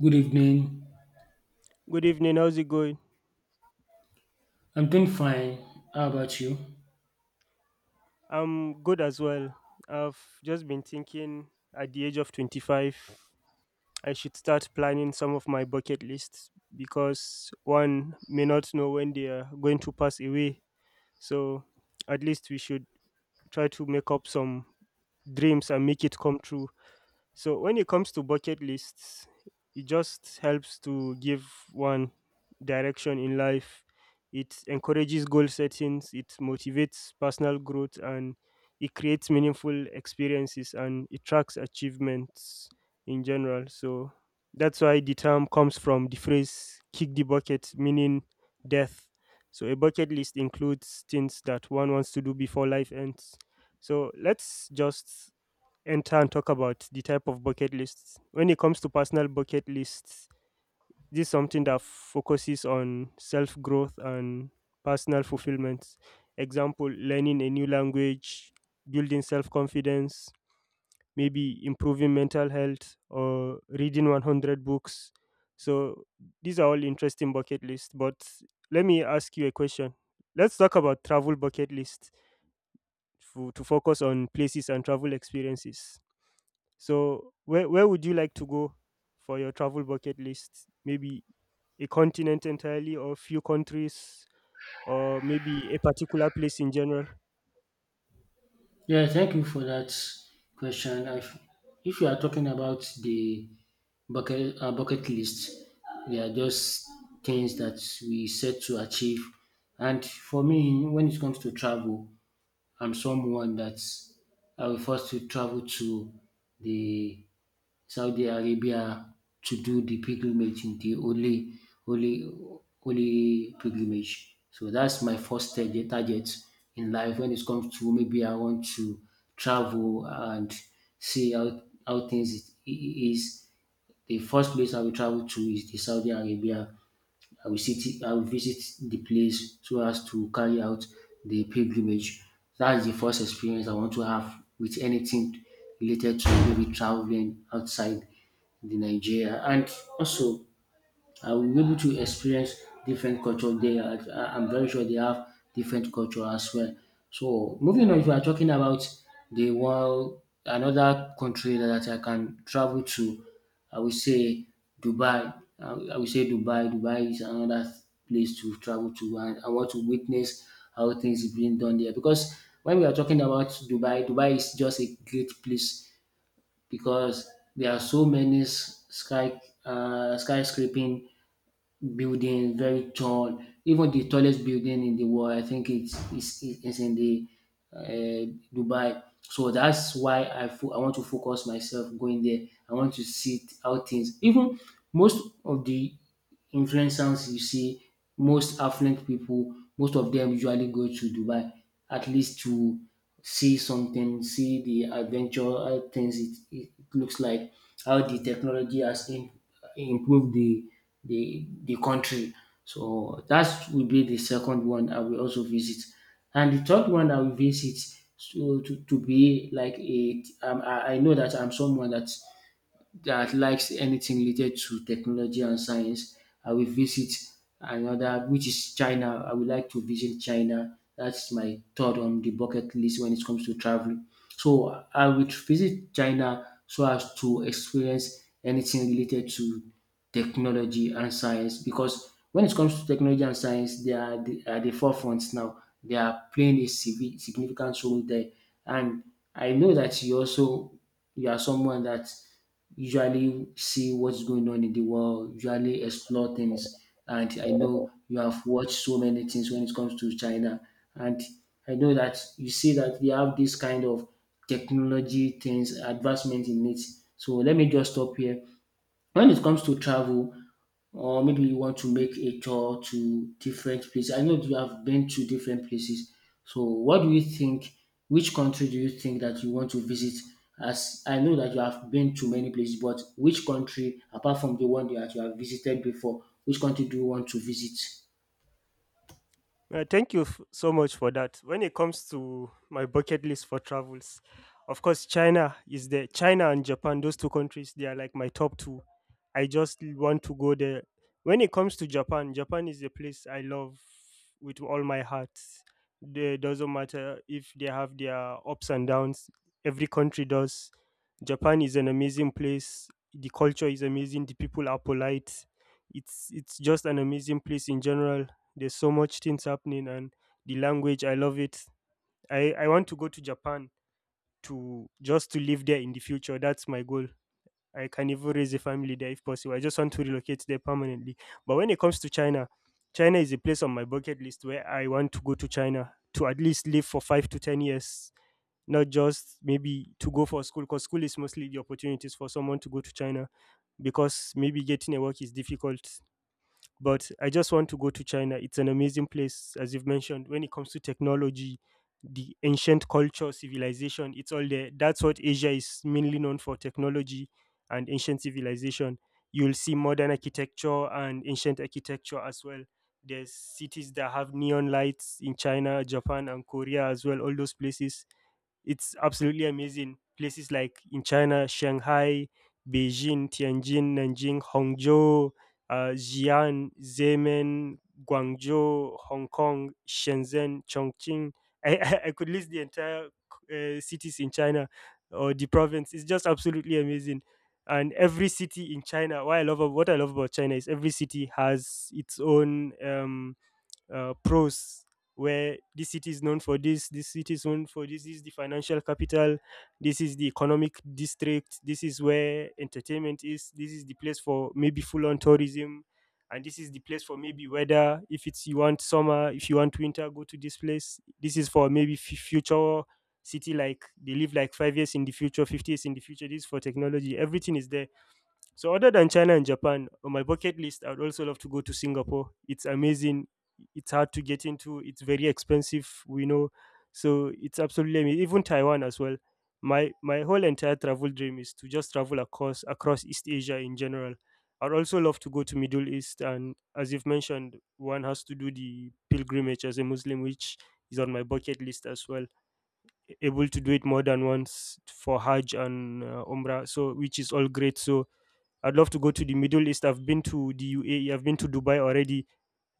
Good evening. Good evening. How's it going? I'm doing fine. How about you? I'm good as well. I've just been thinking at the age of 25, I should start planning some of my bucket lists because one may not know when they are going to pass away. So at least we should try to make up some dreams and make it come true. So when it comes to bucket lists, it just helps to give one direction in life. It encourages goal settings, it motivates personal growth, and it creates meaningful experiences and it tracks achievements in general. So that's why the term comes from the phrase kick the bucket, meaning death. So a bucket list includes things that one wants to do before life ends. So let's just enter and talk about the type of bucket lists. When it comes to personal bucket lists, this is something that focuses on self growth and personal fulfillment. Example, learning a new language, building self confidence, maybe improving mental health, or reading 100 books. So, these are all interesting bucket lists. But let me ask you a question. Let's talk about travel bucket lists to focus on places and travel experiences. So where would you like to go for your travel bucket list? Maybe a continent entirely or few countries or maybe a particular place in general? Yeah, thank you for that question. I, if you are talking about the bucket list, they are just things that we set to achieve. And for me, when it comes to travel, I'm someone that I will first to travel to the Saudi Arabia to do the pilgrimage in the Holy Holy pilgrimage. So that's my first target in life when it comes to maybe I want to travel and see how things is. The first place I will travel to is the Saudi Arabia. I will visit the place so as to carry out the pilgrimage. That is the first experience I want to have with anything related to maybe traveling outside the Nigeria. And also I will be able to experience different culture there. I'm very sure they have different culture as well. So moving on, if we are talking about the one another country that I can travel to, I would say Dubai. I, I would say Dubai. Dubai is another place to travel to, and I want to witness how things is being done there. Because when we are talking about Dubai, Dubai is just a great place because there are so many skyscraping building, very tall. Even the tallest building in the world, I think it's in the uh, Dubai. So that's why I want to focus myself going there. I want to see how things. Even most of the influencers you see, most affluent people, most of them usually go to Dubai at least to see something, see the adventure how things it looks like, how the technology improved the country. So that will be the second one I will also visit. And the third one I will visit so to be like a I know that I'm someone that likes anything related to technology and science, I will visit another, which is China. I would like to visit China. That's my third on the bucket list when it comes to traveling. So I will visit China so as to experience anything related to technology and science because when it comes to technology and science, they are the, at the forefront now. They are playing a significant role there. And I know that you also you are someone that usually see what's going on in the world, usually explore things. And I know you have watched so many things when it comes to China. And I know that you see that they have this kind of technology things, advancement in it. So let me just stop here. When it comes to travel, or maybe you want to make a tour to different places. I know you have been to different places. So what do you think? Which country do you think that you want to visit? As I know that you have been to many places, but which country, apart from the one that you have visited before, which country do you want to visit? Thank you so much for that. When it comes to my bucket list for travels, of course, China is there. China and Japan, those two countries, they are like my top two. I just want to go there. When it comes to Japan, Japan is a place I love with all my heart. It doesn't matter if they have their ups and downs, every country does. Japan is an amazing place. The culture is amazing. The people are polite. It's just an amazing place in general. There's so much things happening, and the language, I love it. I want to go to Japan to just to live there in the future. That's my goal. I can even raise a family there if possible. I just want to relocate there permanently. But when it comes to China, China is a place on my bucket list where I want to go to China to at least live for 5 to 10 years, not just maybe to go for school, because school is mostly the opportunities for someone to go to China because maybe getting a work is difficult, but I just want to go to China. It's an amazing place, as you've mentioned. When it comes to technology, the ancient culture, civilization, it's all there. That's what Asia is mainly known for, technology and ancient civilization. You'll see modern architecture and ancient architecture as well. There's cities that have neon lights in China, Japan, and Korea as well, all those places. It's absolutely amazing. Places like in China, Shanghai, Beijing, Tianjin, Nanjing, Hangzhou, Xi'an, Zemen, Guangzhou, Hong Kong, Shenzhen, Chongqing. I could list the entire cities in China or the province. It's just absolutely amazing. And every city in China, what I love about China is every city has its own pros, where this city is known for this, this city is known for this, this is the financial capital, this is the economic district, this is where entertainment is, this is the place for maybe full on tourism, and this is the place for maybe weather. If it's you want summer, if you want winter, go to this place. This is for maybe future city, like they live like 5 years in the future, 50 years in the future. This is for technology. Everything is there. So other than China and Japan, on my bucket list, I'd also love to go to Singapore. It's amazing. It's hard to get into. It's very expensive. We know, so it's absolutely amazing. Even Taiwan as well. My whole entire travel dream is to just travel across East Asia in general. I'd also love to go to Middle East, and as you've mentioned, one has to do the pilgrimage as a Muslim, which is on my bucket list as well. Able to do it more than once for Hajj and Umrah, so which is all great. So I'd love to go to the Middle East. I've been to the UAE. I've been to Dubai already.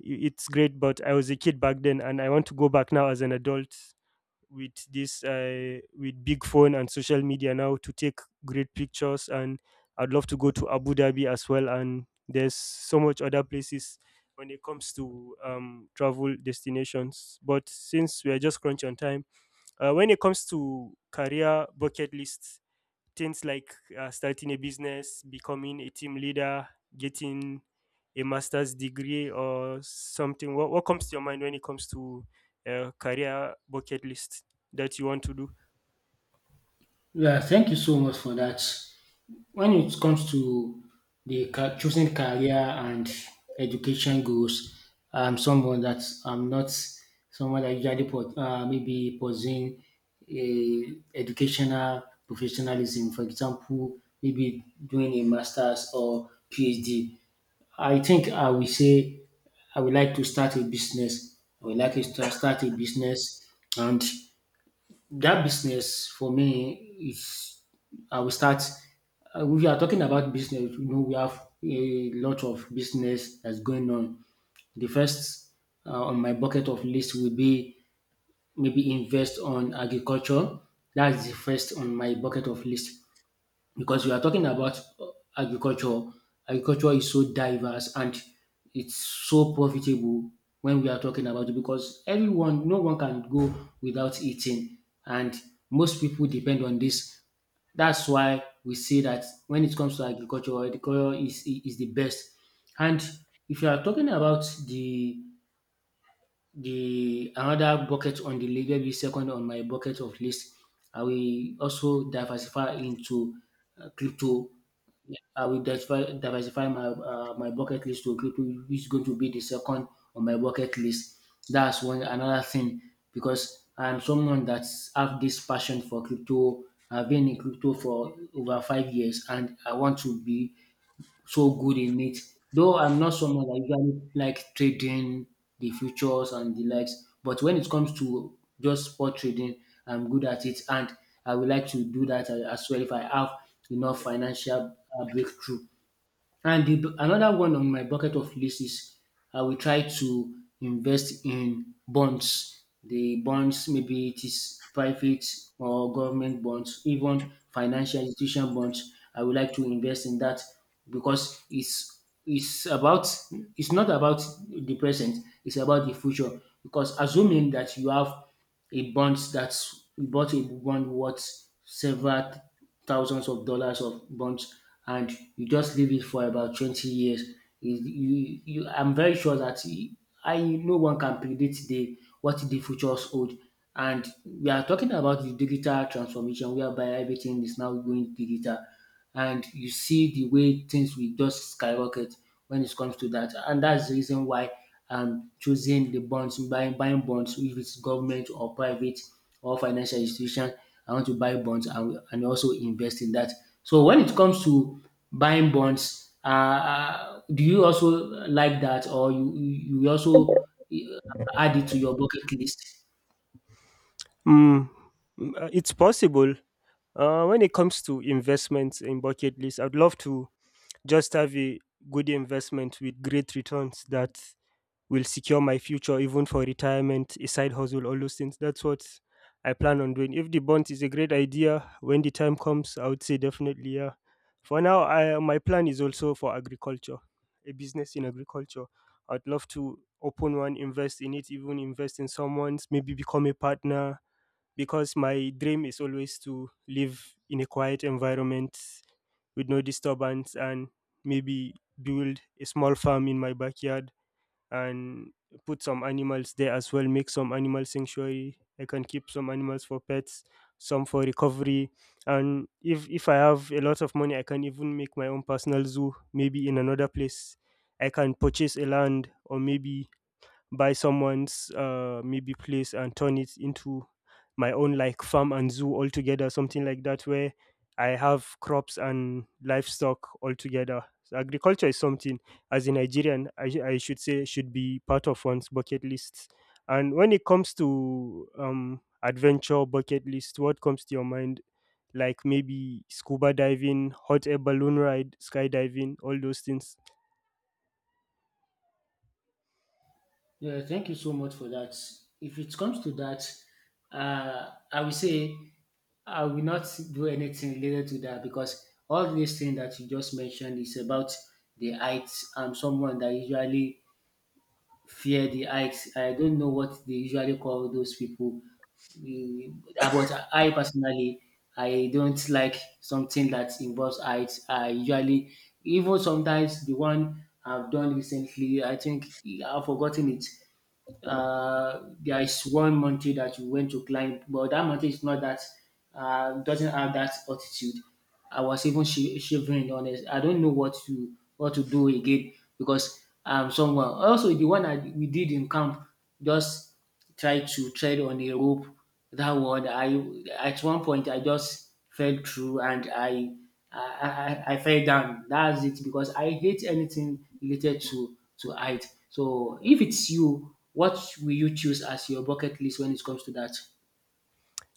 It's great, but I was a kid back then, and I want to go back now as an adult with this with big phone and social media now to take great pictures. And I'd love to go to Abu Dhabi as well. And there's so much other places when it comes to travel destinations. But since we are just crunch on time, when it comes to career bucket lists, things like starting a business, becoming a team leader, getting a master's degree or something? What comes to your mind when it comes to a career bucket list that you want to do? Yeah, thank you so much for that. When it comes to the choosing career and education goals, I'm someone that I'm not someone that usually put, maybe pursuing a educational professionalism. For example, maybe doing a master's or PhD. I think I will say I would like to start a business. I would like to start a business, and that business for me is I will start. We are talking about business. You know, we have a lot of business that's going on. The first on my bucket of list will be maybe invest on agriculture. That's the first on my bucket of list because you are talking about agriculture. Agriculture is so diverse and it's so profitable when we are talking about it because everyone, no one can go without eating, and most people depend on this. That's why we say that when it comes to agriculture, agriculture is the best. And if you are talking about the another bucket on the list, maybe second on my bucket of list, I will also diversify into crypto. I will diversify my my bucket list to crypto, which is going to be the second on my bucket list. That's one another thing because I'm someone that's have this passion for crypto. I've been in crypto for over 5 years, and I want to be so good in it. Though I'm not someone that usually like trading the futures and the likes, but when it comes to just spot trading, I'm good at it, and I would like to do that as well if I have enough financial breakthrough. And the another one on my bucket of list is I will try to invest in bonds. The bonds, maybe it is private or government bonds, even financial institution bonds. I would like to invest in that because it's about it's not about the present, it's about the future. Because assuming that you have he bonds that's he bought a bond worth several thousands of dollars of bonds, and you just leave it for about 20 years. I'm very sure that I no one can predict the what the futures hold. And we are talking about the digital transformation whereby everything is now going digital and you see the way things will just skyrocket when it comes to that. And that's the reason why I'm choosing the bonds, buying bonds, if it's government or private or financial institution. I want to buy bonds and also invest in that. So when it comes to buying bonds, do you also like that, or you also uh, add it to your bucket list? Mm, it's possible. When it comes to investments in bucket list, I'd love to just have a good investment with great returns that will secure my future even for retirement, a side hustle, all those things. That's what I plan on doing. If the bonds is a great idea, when the time comes, I would say definitely, yeah. For now, my plan is also for agriculture, a business in agriculture. I'd love to open one, invest in it, even invest in someone's, maybe become a partner. Because my dream is always to live in a quiet environment with no disturbance and maybe build a small farm in my backyard and put some animals there as well. Make some animal sanctuary. I can keep some animals for pets, some for recovery. And if I have a lot of money, I can even make my own personal zoo. Maybe in another place I can purchase a land, or maybe buy someone's maybe place and turn it into my own, like farm and zoo altogether, something like that, where I have crops and livestock altogether. So agriculture is something, as a Nigerian, I should say, should be part of one's bucket list. And when it comes to adventure bucket list, what comes to your mind? Like maybe scuba diving, hot air balloon ride, skydiving, all those things. Yeah, thank you so much for that. If it comes to that, I will say I will not do anything related to that because all these things that you just mentioned is about the heights. I'm someone that usually fear the heights. I don't know what they usually call those people. We- But I personally, I don't like something that involves heights. I usually, even sometimes the one I've done recently, I think I've forgotten it there is one mountain that we went to climb, but that mountain is not that doesn't have that altitude. I was even shivering. Honest, I don't know what to do again because I'm someone. Also, the one that we did in camp just try to tread on a rope. That one, I at one point I just fell through and I fell down. That's it because I hate anything related to height. So if it's you, what will you choose as your bucket list when it comes to that?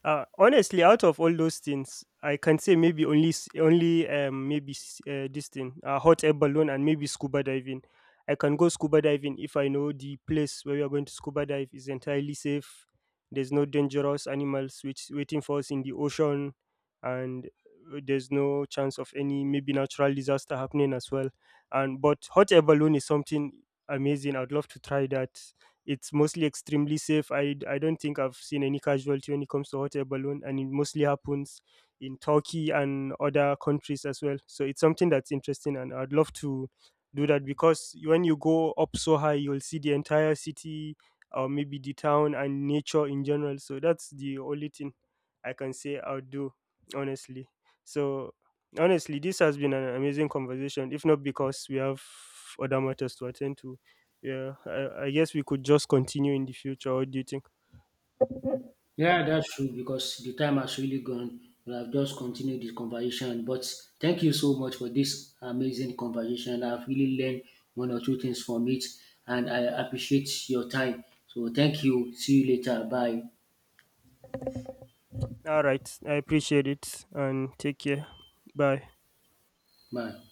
Honestly, out of all those things, I can say maybe only this thing, hot air balloon, and maybe scuba diving. I can go scuba diving if I know the place where we are going to scuba dive is entirely safe. There's no dangerous animals which waiting for us in the ocean, and there's no chance of any maybe natural disaster happening as well. And but hot air balloon is something amazing. I'd love to try that. It's mostly extremely safe. I don't think I've seen any casualty when it comes to hot air balloon, and it mostly happens in Turkey and other countries as well. So it's something that's interesting, and I'd love to do that because when you go up so high, you'll see the entire city or maybe the town and nature in general. So that's the only thing I can say I'll do, honestly. So honestly, this has been an amazing conversation, if not because we have other matters to attend to. Yeah, I guess we could just continue in the future. What do you think? Yeah, that's true because the time has really gone. We have just continued this conversation, but thank you so much for this amazing conversation. I've really learned one or two things from it, and I appreciate your time. So, thank you. See you later. Bye. All right. I appreciate it and take care. Bye. Bye.